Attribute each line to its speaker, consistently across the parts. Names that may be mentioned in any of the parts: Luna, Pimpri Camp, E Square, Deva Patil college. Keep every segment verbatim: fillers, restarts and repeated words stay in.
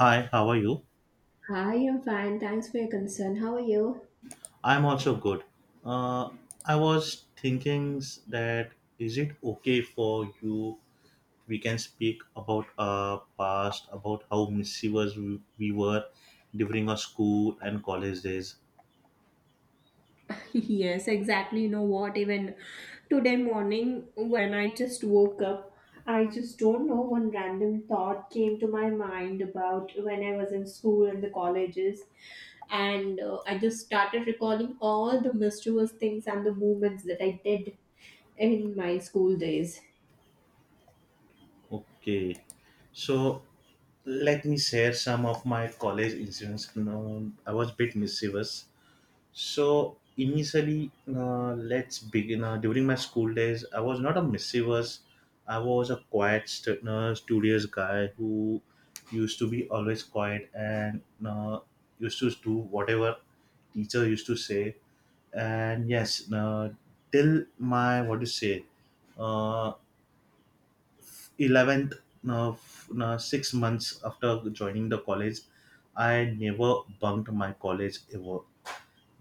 Speaker 1: Hi, how are you?
Speaker 2: Hi, I'm fine. Thanks for your concern. How are you?
Speaker 1: I'm also good. Uh, I was thinking s- that is it okay for you? We can speak about our past, about how mischievous we, we were during our school and college days.
Speaker 2: Yes, exactly. You know what? Even today morning, when I just woke up, I just don't know. One random thought came to my mind about when I was in school and the colleges. And uh, I just started recalling all the mischievous things and the movements that I did in my school days.
Speaker 1: Okay, so let me share some of my college incidents. No, I was a bit mischievous. So initially, uh, let's begin. Uh, during my school days, I was not a mischievous. I was a quiet, st- uh, studious guy who used to be always quiet and uh, used to do whatever teacher used to say. And yes, uh, till my what do you say, uh, eleventh, uh, f- uh, six months after joining the college, I never bunked my college ever,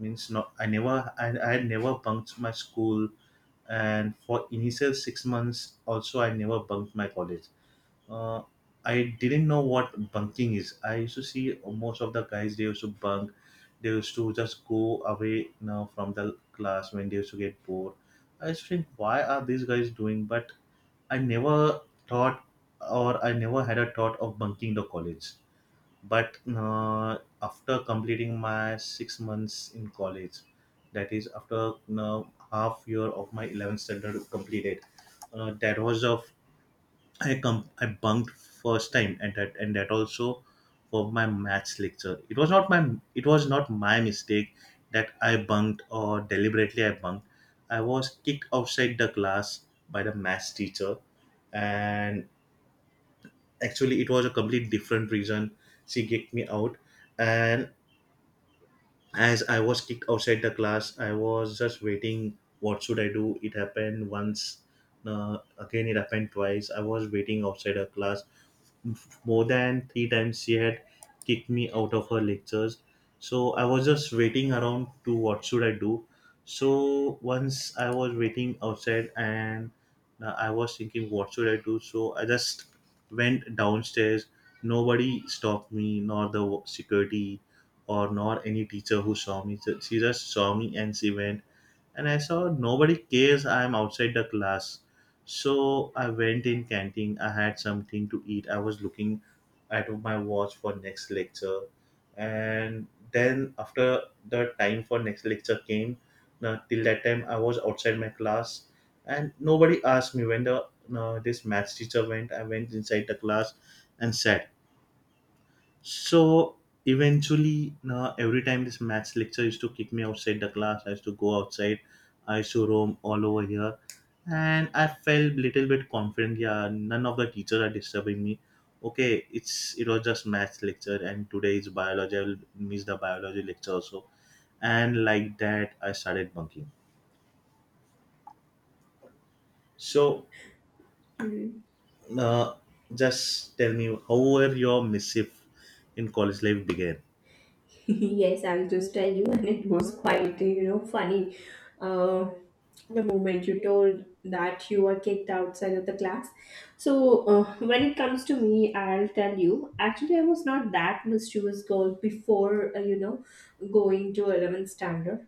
Speaker 1: means not i never i, I had never bunked my school, and for initial six months also I never bunked my college. uh, I didn't know what bunking is. I used to see most of the guys, they used to bunk. They used to just go away now from the class when they used to get bored. I used to think why are these guys doing, but I never thought, or I never had a thought of bunking the college. But uh, after completing my six months in college, that is after uh, half year of my eleventh standard completed. uh, that was of i com- I bunked first time, and that and that also for my maths lecture. It was not my it was not my mistake that I bunked or deliberately I bunked. I was kicked outside the class by the maths teacher, and actually it was a complete different reason she kicked me out. And as I was kicked outside the class, I was just waiting what should I do. It happened once. Uh, again it happened twice, I was waiting outside her class. More than three times she had kicked me out of her lectures. So I was just waiting around to what should I do. So once I was waiting outside, and uh, I was thinking what should I do. So I just went downstairs. Nobody stopped me, nor the security or nor any teacher who saw me. So she just saw me and she went, and I saw nobody cares, I am outside the class. So I went in canteen. I had something to eat. I was looking at my watch for next lecture, and then after the time for next lecture came, now till that time I was outside my class, and nobody asked me. When the uh, this maths teacher went, I went inside the class and sat. So eventually, uh, every time this maths lecture used to kick me outside the class, I used to go outside, I used to roam all over here, and I felt little bit confident. Yeah, none of the teachers are disturbing me. Okay, it's it was just maths lecture, and today is biology. I will miss the biology lecture also, and like that, I started bunking. So, uh, just tell me, how were your missive in college life began?
Speaker 2: Yes, I'll just tell you, and it was quite, you know, funny. Uh, the moment you told that you were kicked outside of the class. So, uh, when it comes to me, I'll tell you. Actually, I was not that mischievous girl before, uh, you know, going to eleventh standard.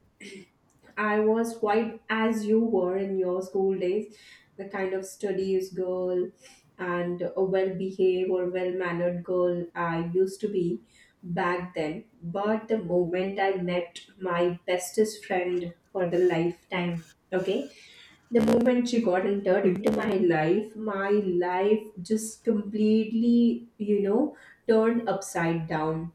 Speaker 2: I was quite as you were in your school days, the kind of studious girl and a well behaved or well mannered girl I used to be back then. But the moment I met my bestest friend for the lifetime, okay, the moment she got entered into my life, my life just completely, you know, turned upside down.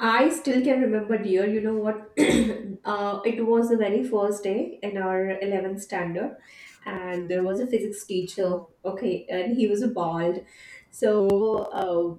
Speaker 2: I still can remember, dear. You know what? Uh, it was the very first day in our eleventh standard, and there was a physics teacher. Okay, and he was bald. So uh,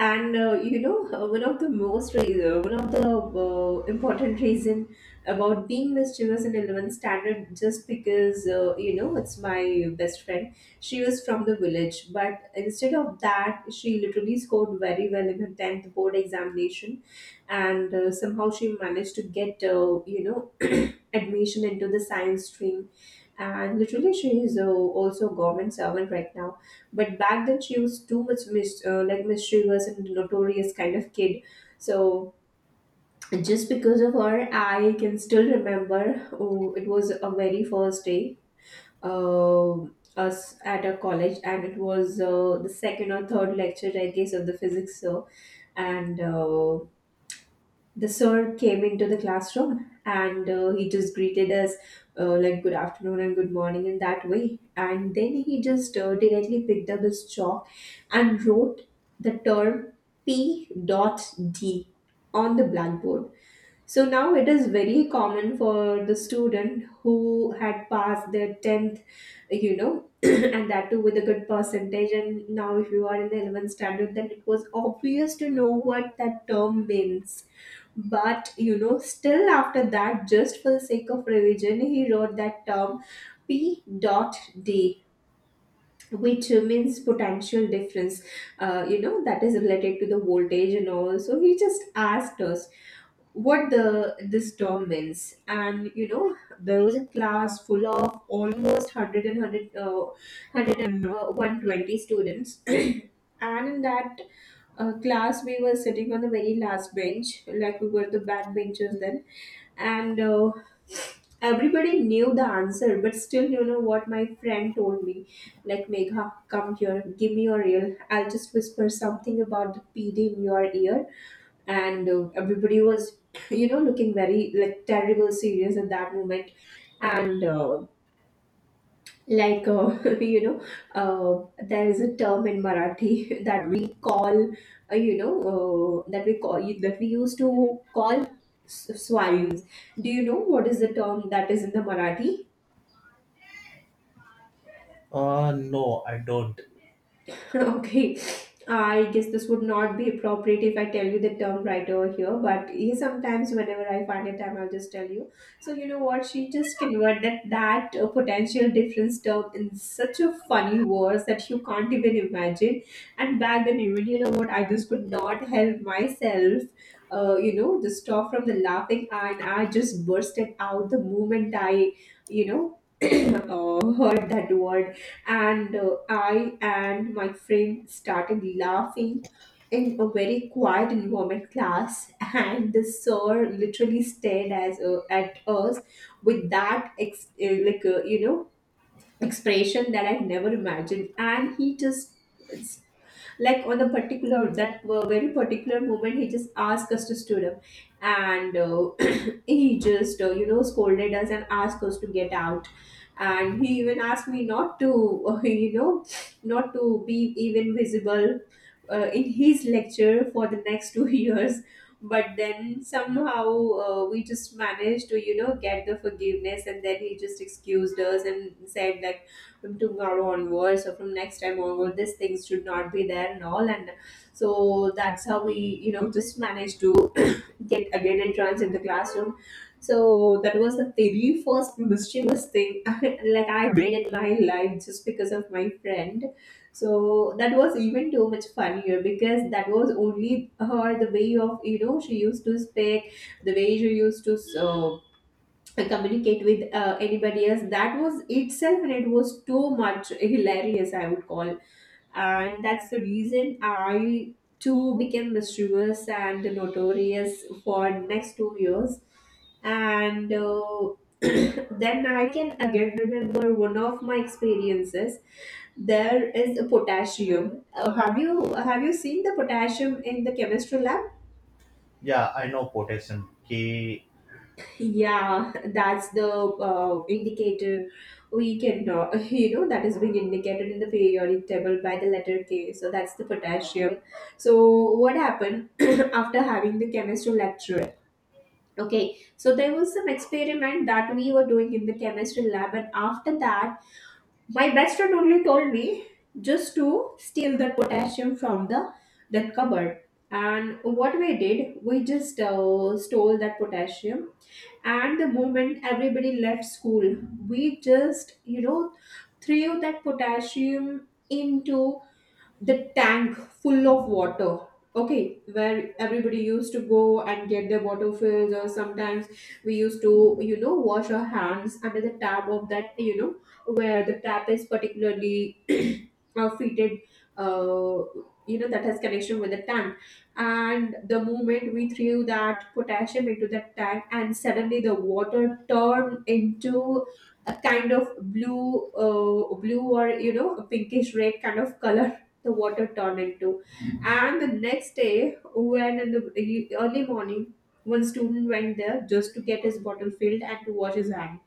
Speaker 2: and uh, you know uh, one of the most re- uh, one of the uh, important reason about being mischievous in eleventh standard, just because uh, you know it's my best friend. She was from the village, but instead of that, she literally scored very well in her tenth board examination. And uh, somehow she managed to get uh, you know admission into the science stream, and literally she is, uh, also a government servant right now. But back then, she was too much mis- uh, like mischievous and notorious kind of kid. So just because of her, I can still remember. Oh, it was a very first day. Uh, Us at a college, and it was uh, the second or third lecture, I guess, of the physics. So and uh, The sir came into the classroom, and uh, he just greeted us, uh, like good afternoon and good morning in that way. And then he just uh, directly picked up his chalk and wrote the term p dot d on the blackboard. So now it is very common for the student who had passed their tenth, you know and that too with a good percentage. And now, if you are in the eleventh standard, then it was obvious to know what that term means. But you know, still after that, just for the sake of revision, he wrote that term P dot D, which means potential difference, uh, you know, that is related to the voltage and all. So he just asked us what the this term means. And you know there was a class full of almost one hundred and one hundred uh, one hundred uh, students. And in that uh, class, we were sitting on the very last bench, like we were the back benchers then. And uh, everybody knew the answer, but still, you know what my friend told me? Like, "Megha, come here, give me your ear. I'll just whisper something about the p d in your ear." And uh, everybody was you know looking very like terrible serious at that moment. And uh, like uh, you know uh, there is a term in Marathi that we call uh, you know uh, that we call, that we used to call, s- swines. Do you know what is the term that is in the Marathi?
Speaker 1: Uh, no, I don't.
Speaker 2: Okay, I guess this would not be appropriate if I tell you the term right over here, but yeah, sometimes whenever I find a time, I'll just tell you. So you know what? She just converted that uh, potential difference term in such a funny words that you can't even imagine. And back then, even you know what? I just could not help myself. Uh, you know, just stop from the laughing, and I just bursted out the moment I, you know, uh, heard that word. And uh, I and my friend started laughing in a very quiet environment class, and the sir literally stared as, uh, at us with that ex- uh, like uh, you know expression that I never imagined. And he just, like, on the particular that uh, very particular moment, he just asked us to stood up. And uh, he just, uh, you know scolded us and asked us to get out. And he even asked me not to, uh, you know not to be even visible uh, in his lecture for the next two years. But then somehow, uh, we just managed to you know get the forgiveness, and then he just excused us and said that from tomorrow onwards or from next time onward, these things should not be there and all. And so that's how we, you know just managed to get again entrance in the classroom. So that was the very first mischievous thing like I did in my life, just because of my friend. So that was even too much funnier, because that was only her, the way of, you know she used to speak, the way she used to uh, communicate with uh, anybody else. That was itself, and it was too much hilarious, I would call. And that's the reason I too became mischievous and notorious for next two years. And uh, then I can again remember one of my experiences. There is a potassium. Uh, have you have you seen the potassium in the chemistry lab?
Speaker 1: Yeah, I know potassium. K.
Speaker 2: Yeah, that's the uh, indicator, we can, uh, you know, that is being indicated in the periodic table by the letter K. So that's the potassium. So what happened after having the chemistry lecture? Okay, so there was some experiment that we were doing in the chemistry lab, and after that, my best friend only told me just to steal the potassium from the that cupboard. And what we did, we just uh, stole that potassium. And the moment everybody left school, we just you know threw that potassium into the tank full of water, okay, where everybody used to go and get their water fills. Or sometimes we used to, you know wash our hands under the tap of that, you know where the tap is particularly uh, fitted, uh, you know that has connection with the tank. And the moment we threw that potassium into that tank, and suddenly the water turned into a kind of blue, uh, blue, or you know a pinkish red kind of color the water turned into. And the next day, when in the e-, early morning, one student went there just to get his bottle filled and to wash his hands.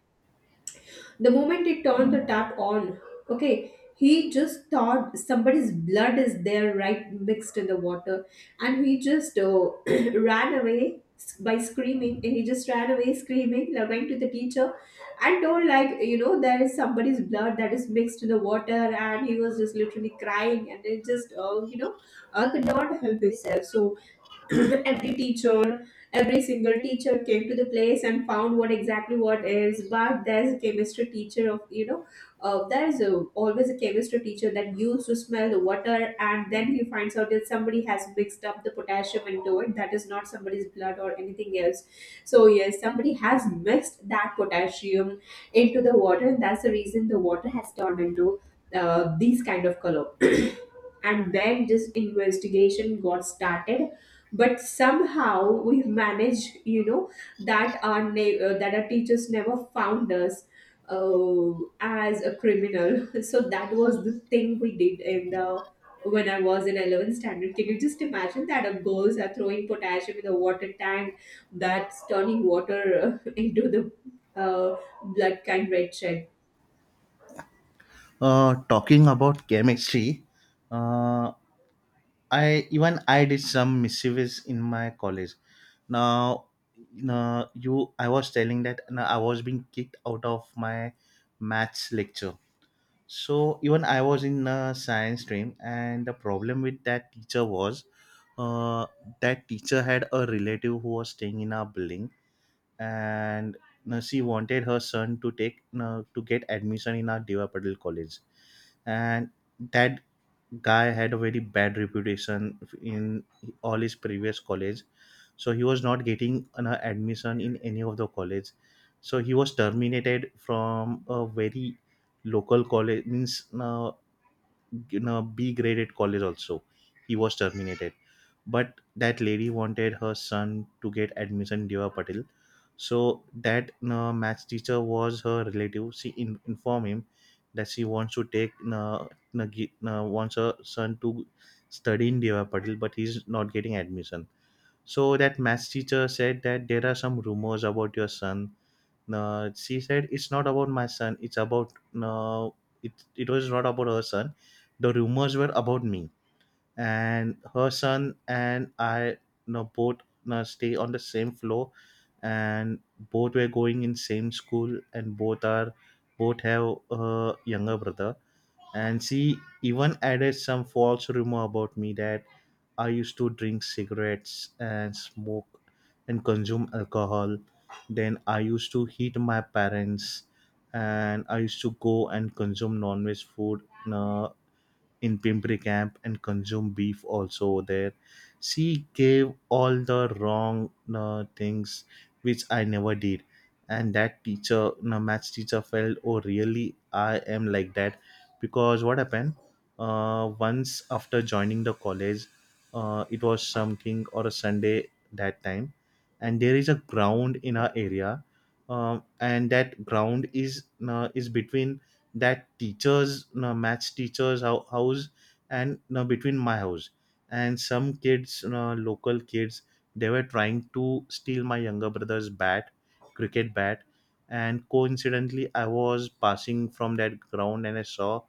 Speaker 2: The moment he turned the tap on, okay, he just thought somebody's blood is there, right, mixed in the water, and he just uh, ran away by screaming. And he just ran away screaming, like, went to the teacher and told, like, you know, there is somebody's blood that is mixed in the water. And he was just literally crying, and it just, uh, you know, uh, could not help himself. So every teacher every single teacher came to the place and found what exactly what is. But there's a chemistry teacher of, you know uh, there's a, always a chemistry teacher that used to smell the water, and then he finds out that somebody has mixed up the potassium into it, that is not somebody's blood or anything else. So yes, somebody has mixed that potassium into the water, and that's the reason the water has turned into, uh, these kind of color. And then this investigation got started, but somehow we've managed, you know that our na- uh, that our teachers never found us uh, as a criminal. So that was the thing we did in the, when I was in eleventh standard. Can you just imagine that our girls are throwing potassium in the water tank, that's turning water, uh, into the, uh, blood kind red shed.
Speaker 1: Uh, talking about chemistry, uh, I even I did some mischievous in my college. Now, now you, I was telling that now I was being kicked out of my maths lecture. So even I was in a science stream, and the problem with that teacher was, uh, that teacher had a relative who was staying in our building, and you she wanted her son to take you to get admission in our Deva Patil college. And that guy had a very bad reputation in all his previous college, so he was not getting an uh, admission in any of the college. So he was terminated from a very local college, means uh, in a B graded college also. He was terminated. But that lady wanted her son to get admission in Deva Patil. So that uh, maths teacher was her relative. She in, informed him that she wants to take uh, uh, gi- uh, wants her son to study in Deva Patil, but he's not getting admission. So that maths teacher said that there are some rumors about your son. Uh, she said it's not about my son, it's about uh, it, it was not about her son. The rumors were about me, and her son and i, no, both, no, stay on the same floor, and both were going in same school, and both are both have a younger brother. And she even added some false rumor about me, that I used to drink cigarettes and smoke and consume alcohol. Then I used to hit my parents, and I used to go and consume non-veg food. No, in Pimpri Camp, and consume beef also over there. She gave all the wrong uh, things which I never did. And that teacher, no, maths teacher felt, oh, really, I am like that. Because what happened? Uh, once after joining the college, uh, it was something or a Sunday that time. And there is a ground in our area. Um, and that ground is uh, is between that teachers you know, match teachers hou- house, and you know, between my house, and some kids, you know, local kids, they were trying to steal my younger brother's bat cricket bat. And coincidentally I was passing from that ground and I saw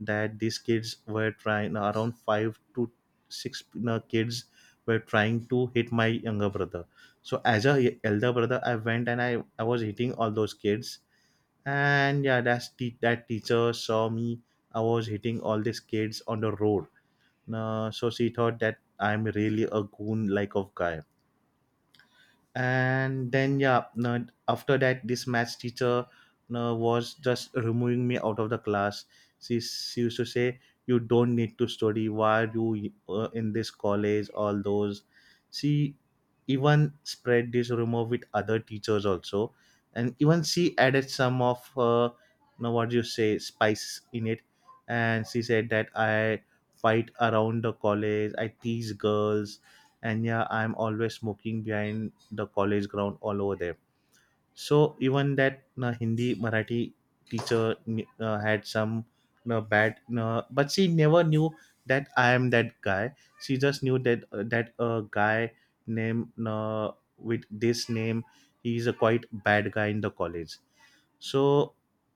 Speaker 1: that these kids were trying, around five to six, you know, kids were trying to hit my younger brother. So as a elder brother I went and i, I was hitting all those kids. And yeah, that's the that teacher saw me, I was hitting all these kids on the road. Uh, so she thought that I'm really a goon like of guy. And then, yeah, no, after that this maths teacher, no, was just removing me out of the class. She, she used to say, you don't need to study, why are you uh, in this college, all those. She even spread this rumor with other teachers also, and even she added some of her, no, what do you say, spice in it, and she said that I fight around the college, I tease girls, and yeah, I'm always smoking behind the college ground all over there. So even that uh, Hindi Marathi teacher uh, had some uh, bad, uh, but she never knew that I am that guy. She just knew that uh, that a guy named uh, with this name, he is a quite bad guy in the college. So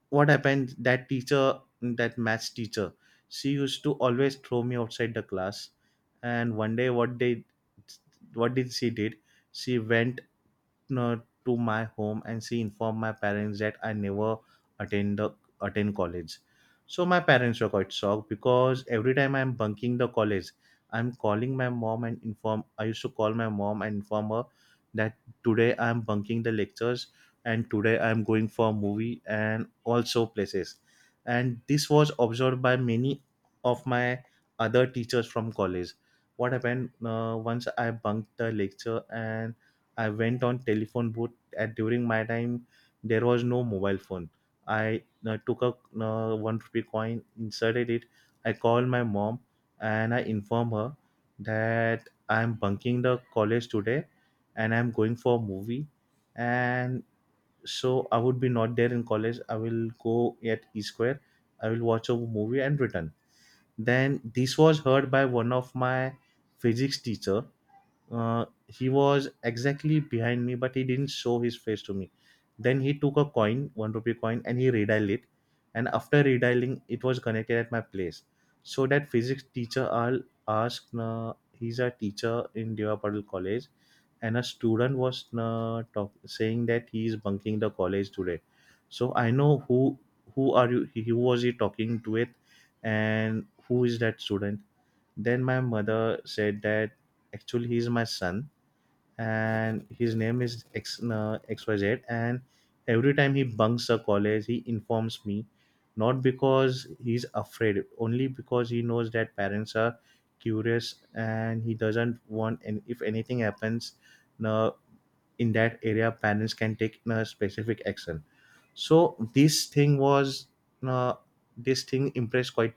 Speaker 1: what happened? That teacher, that maths teacher, she used to always throw me outside the class. And one day, what they, what did she did? She went uh, to my home and she informed my parents that I never attend the attend college. So my parents were quite shocked, because every time I'm bunking the college, I'm calling my mom and inform I used to call my mom and inform her that today I'm bunking the lectures and today I'm going for a movie and also places. And this was observed by many of my other teachers from college. What happened? Uh, once I bunked the lecture and I went on telephone booth. At during my time there was no mobile phone. I uh, took a uh, one rupee coin, inserted it. I called my mom and I informed her that I'm bunking the college today and I'm going for a movie. And so I would be not there in college. I will go at E Square. I will watch a movie and return. Then this was heard by one of my physics teacher, uh, he was exactly behind me, but he didn't show his face to me. Then he took a coin, one rupee coin, and he redialed it, and after redialing, it was connected at my place. So that physics teacher al asked, uh, he's a teacher in Devapadal college, and a student was uh, talk, saying that he is bunking the college today, so I know who who are you, he- who was he talking to it, and who is that student? Then my mother said that, actually, he is my son, and his name is X, uh, xyz, and every time he bunks a college, he informs me, not because he's afraid, only because he knows that parents are curious and he doesn't want, and if anything happens, no, in that area parents can take a specific action. So this thing was uh, this thing impressed quite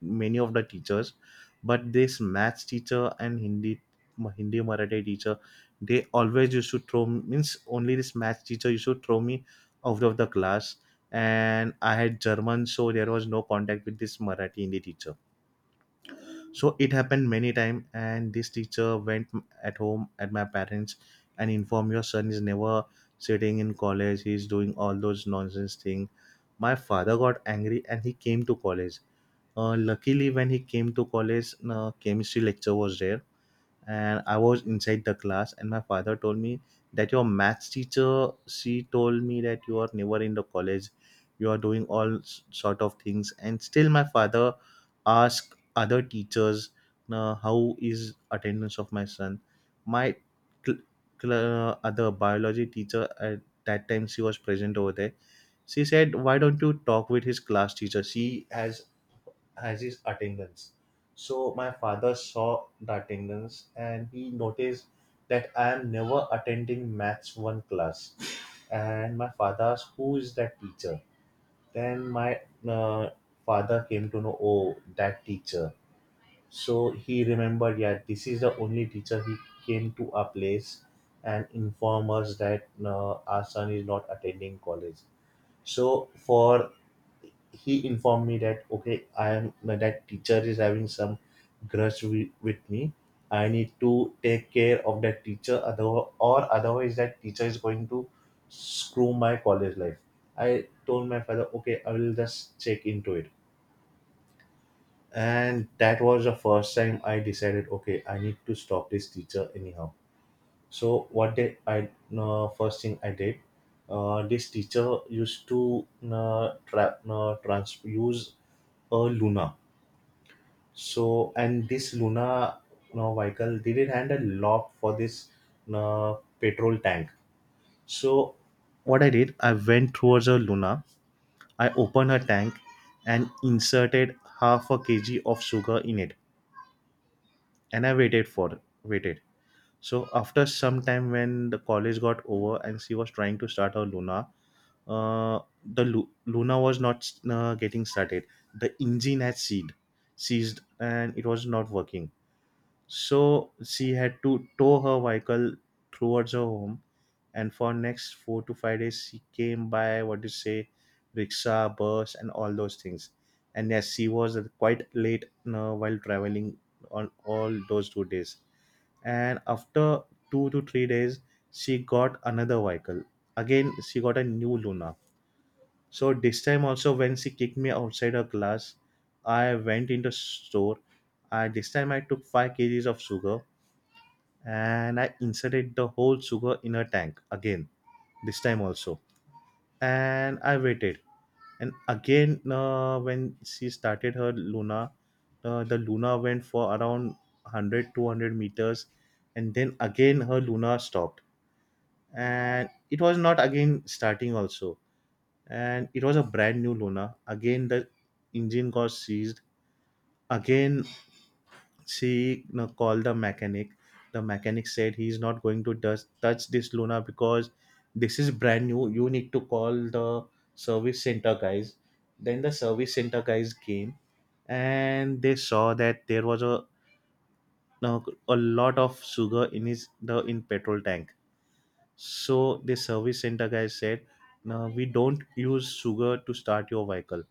Speaker 1: many of the teachers. But this maths teacher and hindi hindi Marathi teacher, they always used to throw, means only this maths teacher used to throw me out of the class. And I had German, so there was no contact with this Marathi Hindi teacher. So it happened many time, and this teacher went at home at my parents and informed, your son is never sitting in college, he's doing all those nonsense thing. My father got angry, and he came to college. Uh, luckily when he came to college, uh, chemistry lecture was there, and I was inside the class, and my father told me that your maths teacher, she told me that you are never in the college, you are doing all s- sort of things. And still my father asked other teachers, "Nah, how is attendance of my son? My cl- cl- uh, other biology teacher, at that time she was present over there." She said, "Why don't you talk with his class teacher? She has has his attendance." So my father saw the attendance, and he noticed that I am never attending maths one class. And my father asked, "Who is that teacher?" Then my uh, father came to know, "Oh, that teacher." So he remembered, yeah, this is the only teacher, he came to our place and inform us that uh, our son is not attending college. So for he informed me that, okay, I am that teacher is having some grudge wi- with me, I need to take care of that teacher, other or otherwise that teacher is going to screw my college life. I told my father, okay, I will just check into it. And that was the first time I decided, okay, I need to stop this teacher anyhow. So what did I uh, first thing I did? Uh, this teacher used to uh, tra- uh, trans- use a Luna. So and this Luna uh, vehicle didn't had a lock for this uh, petrol tank. So what I did, I went towards a Luna. I opened her tank and inserted half a kg of sugar in it, and I waited for waited. So after some time, when the college got over and she was trying to start her Luna, uh, the Lu- Luna was not uh, getting started. The engine had seized, seized, and it was not working. So she had to tow her vehicle towards her home, and for next four to five days, she came by, what do you say, rickshaw, bus, and all those things. And yes, she was quite late uh, while traveling on all those two days, and after two to three days, she got another vehicle. Again, she got a new Luna. So this time also, when she kicked me outside her class, I went in the store. I this time I took five kgs of sugar, and I inserted the whole sugar in her tank again this time also, and I waited. And again, uh, when she started her Luna, uh, the Luna went for around one hundred two hundred meters, and then again her Luna stopped, and it was not again starting also. And it was a brand new Luna. Again, the engine got seized again. She, you know, called the mechanic. The mechanic said, he's not going to dus- touch this Luna because this is brand new, you need to call the service center guys. Then the service center guys came, and they saw that there was a no, a lot of sugar in his the in petrol tank. So the service center guy said, no, we don't use sugar to start your vehicle.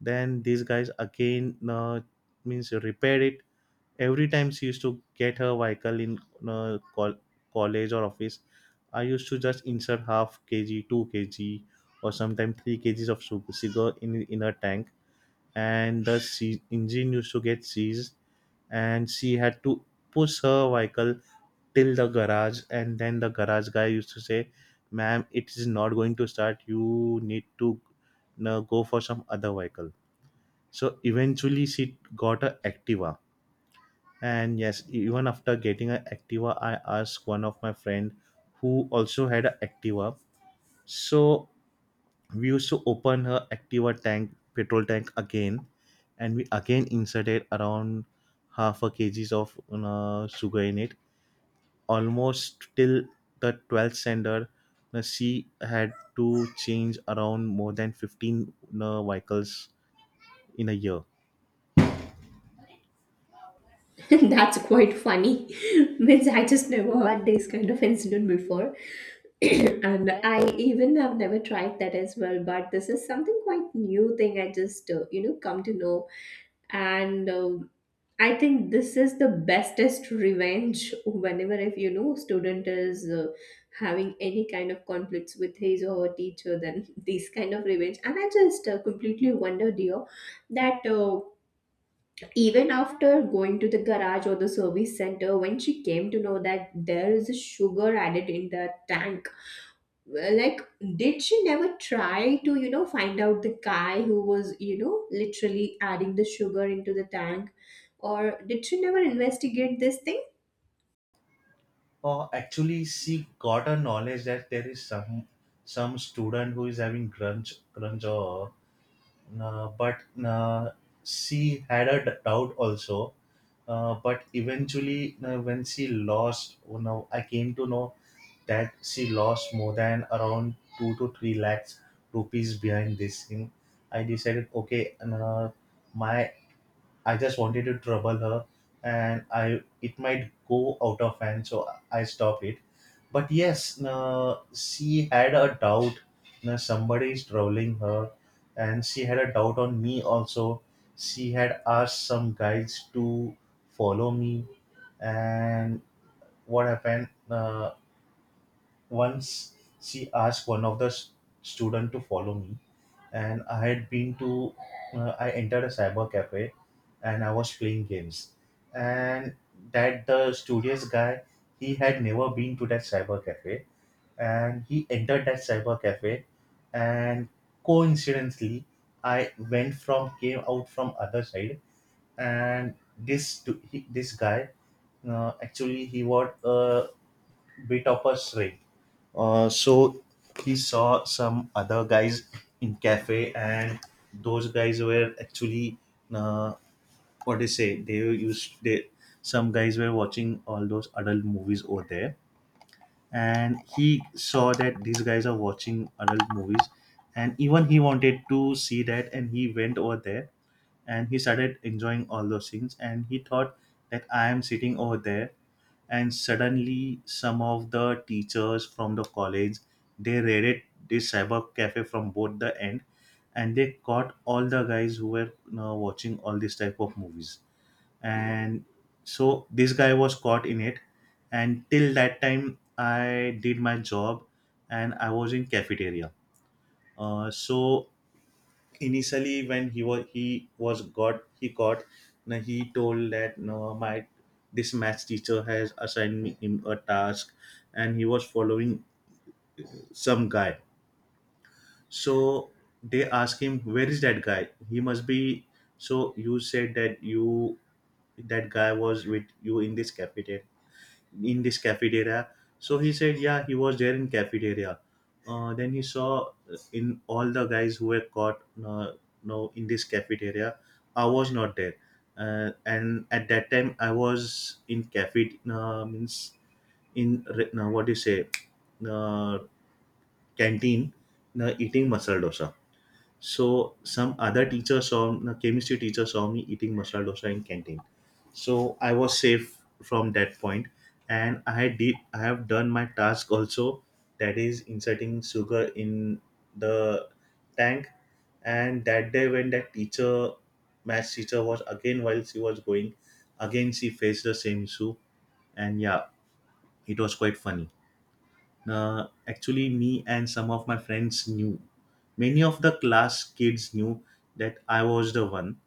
Speaker 1: Then these guys again, uh, means repair it. Every time she used to get her vehicle in uh, col- college or office, I used to just insert half kg, two kg, or sometimes three kgs of su- sugar in in her tank, and the se- engine used to get seized, and she had to push her vehicle till the garage, and then the garage guy used to say, ma'am, it is not going to start, you need to uh, go for some other vehicle. So eventually she got a Activa. And yes, even after getting an Activa, I asked one of my friend who also had an Activa. So we used to open her Activa tank, petrol tank, again, and we again inserted around half a kgs of uh, sugar in it. Almost till the twelfth standard, uh, she had to change around more than fifteen uh, vehicles in a year.
Speaker 2: That's quite funny. Means I just never had this kind of incident before. And I even have never tried that as well, but this is something quite new thing I just, uh, you know come to know. And um, I think this is the bestest revenge, whenever if you know student is uh, having any kind of conflicts with his or her teacher, then this kind of revenge. And I just uh, completely wonder, dear, that uh, even after going to the garage or the service center, when she came to know that there is a sugar added in the tank, well, like, did she never try to, you know find out the guy who was, you know literally adding the sugar into the tank? Or did she never investigate this thing?
Speaker 1: Oh, actually, she got a knowledge that there is some some student who is having grunge grunge or, uh, but, uh, she had a d- doubt also. Uh, but eventually, uh, when she lost, you know, I came to know that she lost more than around two to three lakhs rupees behind this thing. I decided, okay, uh, my I just wanted to trouble her, and I it might go out of hand, so I stopped it. But yes, uh, she had a doubt. Uh, somebody is troubling her, and she had a doubt on me also. She had asked some guys to follow me, and what happened? Uh, once she asked one of the s- student to follow me, and I had been to, uh, I entered a cyber cafe, and I was playing games. And that the studious guy, he had never been to that cyber cafe, and he entered that cyber cafe, and coincidentally I went from came out from other side. And this to- he- this guy, uh, actually he was a bit of a stray. Uh, so he saw some other guys in cafe, and those guys were actually, uh, what they say. They used they Some guys were watching all those adult movies over there, and he saw that these guys are watching adult movies, and even he wanted to see that, and he went over there, and he started enjoying all those things, and he thought that I am sitting over there. And suddenly some of the teachers from the college, they raided this cyber cafe from both the end, and they caught all the guys who were, you know, watching all these type of movies. And so this guy was caught in it, and till that time I did my job, and I was in cafeteria. Uh, so initially, when he was he was got he caught, now he told that, no, my this math teacher has assigned me him a task, and he was following some guy. So they asked him, where is that guy, he must be. So you said that you that guy was with you in this cafeteria, in this cafeteria. So he said, yeah, he was there in cafeteria. Uh, then he saw, uh, in all the guys who were caught, uh, no, in this cafeteria I was not there. Uh, and at that time, I was in cafe uh, means, in re- uh, what do you say, uh, canteen, uh, eating masala dosa. So some other teacher saw a chemistry teacher saw me eating masala dosa in canteen. So I was safe from that point, and I did I have done my task also, that is inserting sugar in the tank. And that day when that teacher, maths teacher, was again while she was going, again she faced the same issue, and yeah, it was quite funny. Uh, actually, me and some of my friends knew. Many of the class kids knew that I was the one.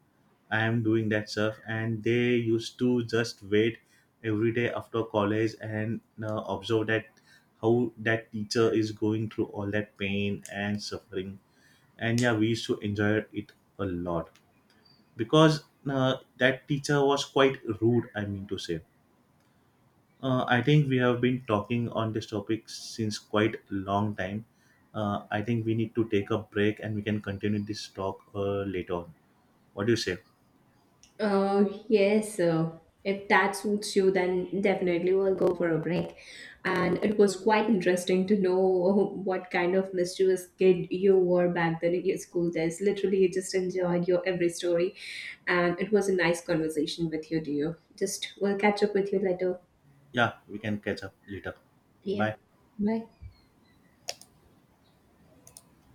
Speaker 1: I am doing that stuff, and they used to just wait every day after college and uh, observe that how that teacher is going through all that pain and suffering. And yeah, we used to enjoy it a lot, because, uh, that teacher was quite rude. I mean to say, uh, I think we have been talking on this topic since quite a long time. Uh, I think we need to take a break, and we can continue this talk uh, later on. What do you say?
Speaker 2: Oh yes, uh, if that suits you, then definitely we'll go for a break. And it was quite interesting to know what kind of mischievous kid you were back then in your school days. Literally, you just enjoyed your every story, and it was a nice conversation with you, dear. Just, we'll catch up with you later.
Speaker 1: Yeah, we can catch up later.
Speaker 2: Yeah.
Speaker 1: Bye.
Speaker 2: Bye.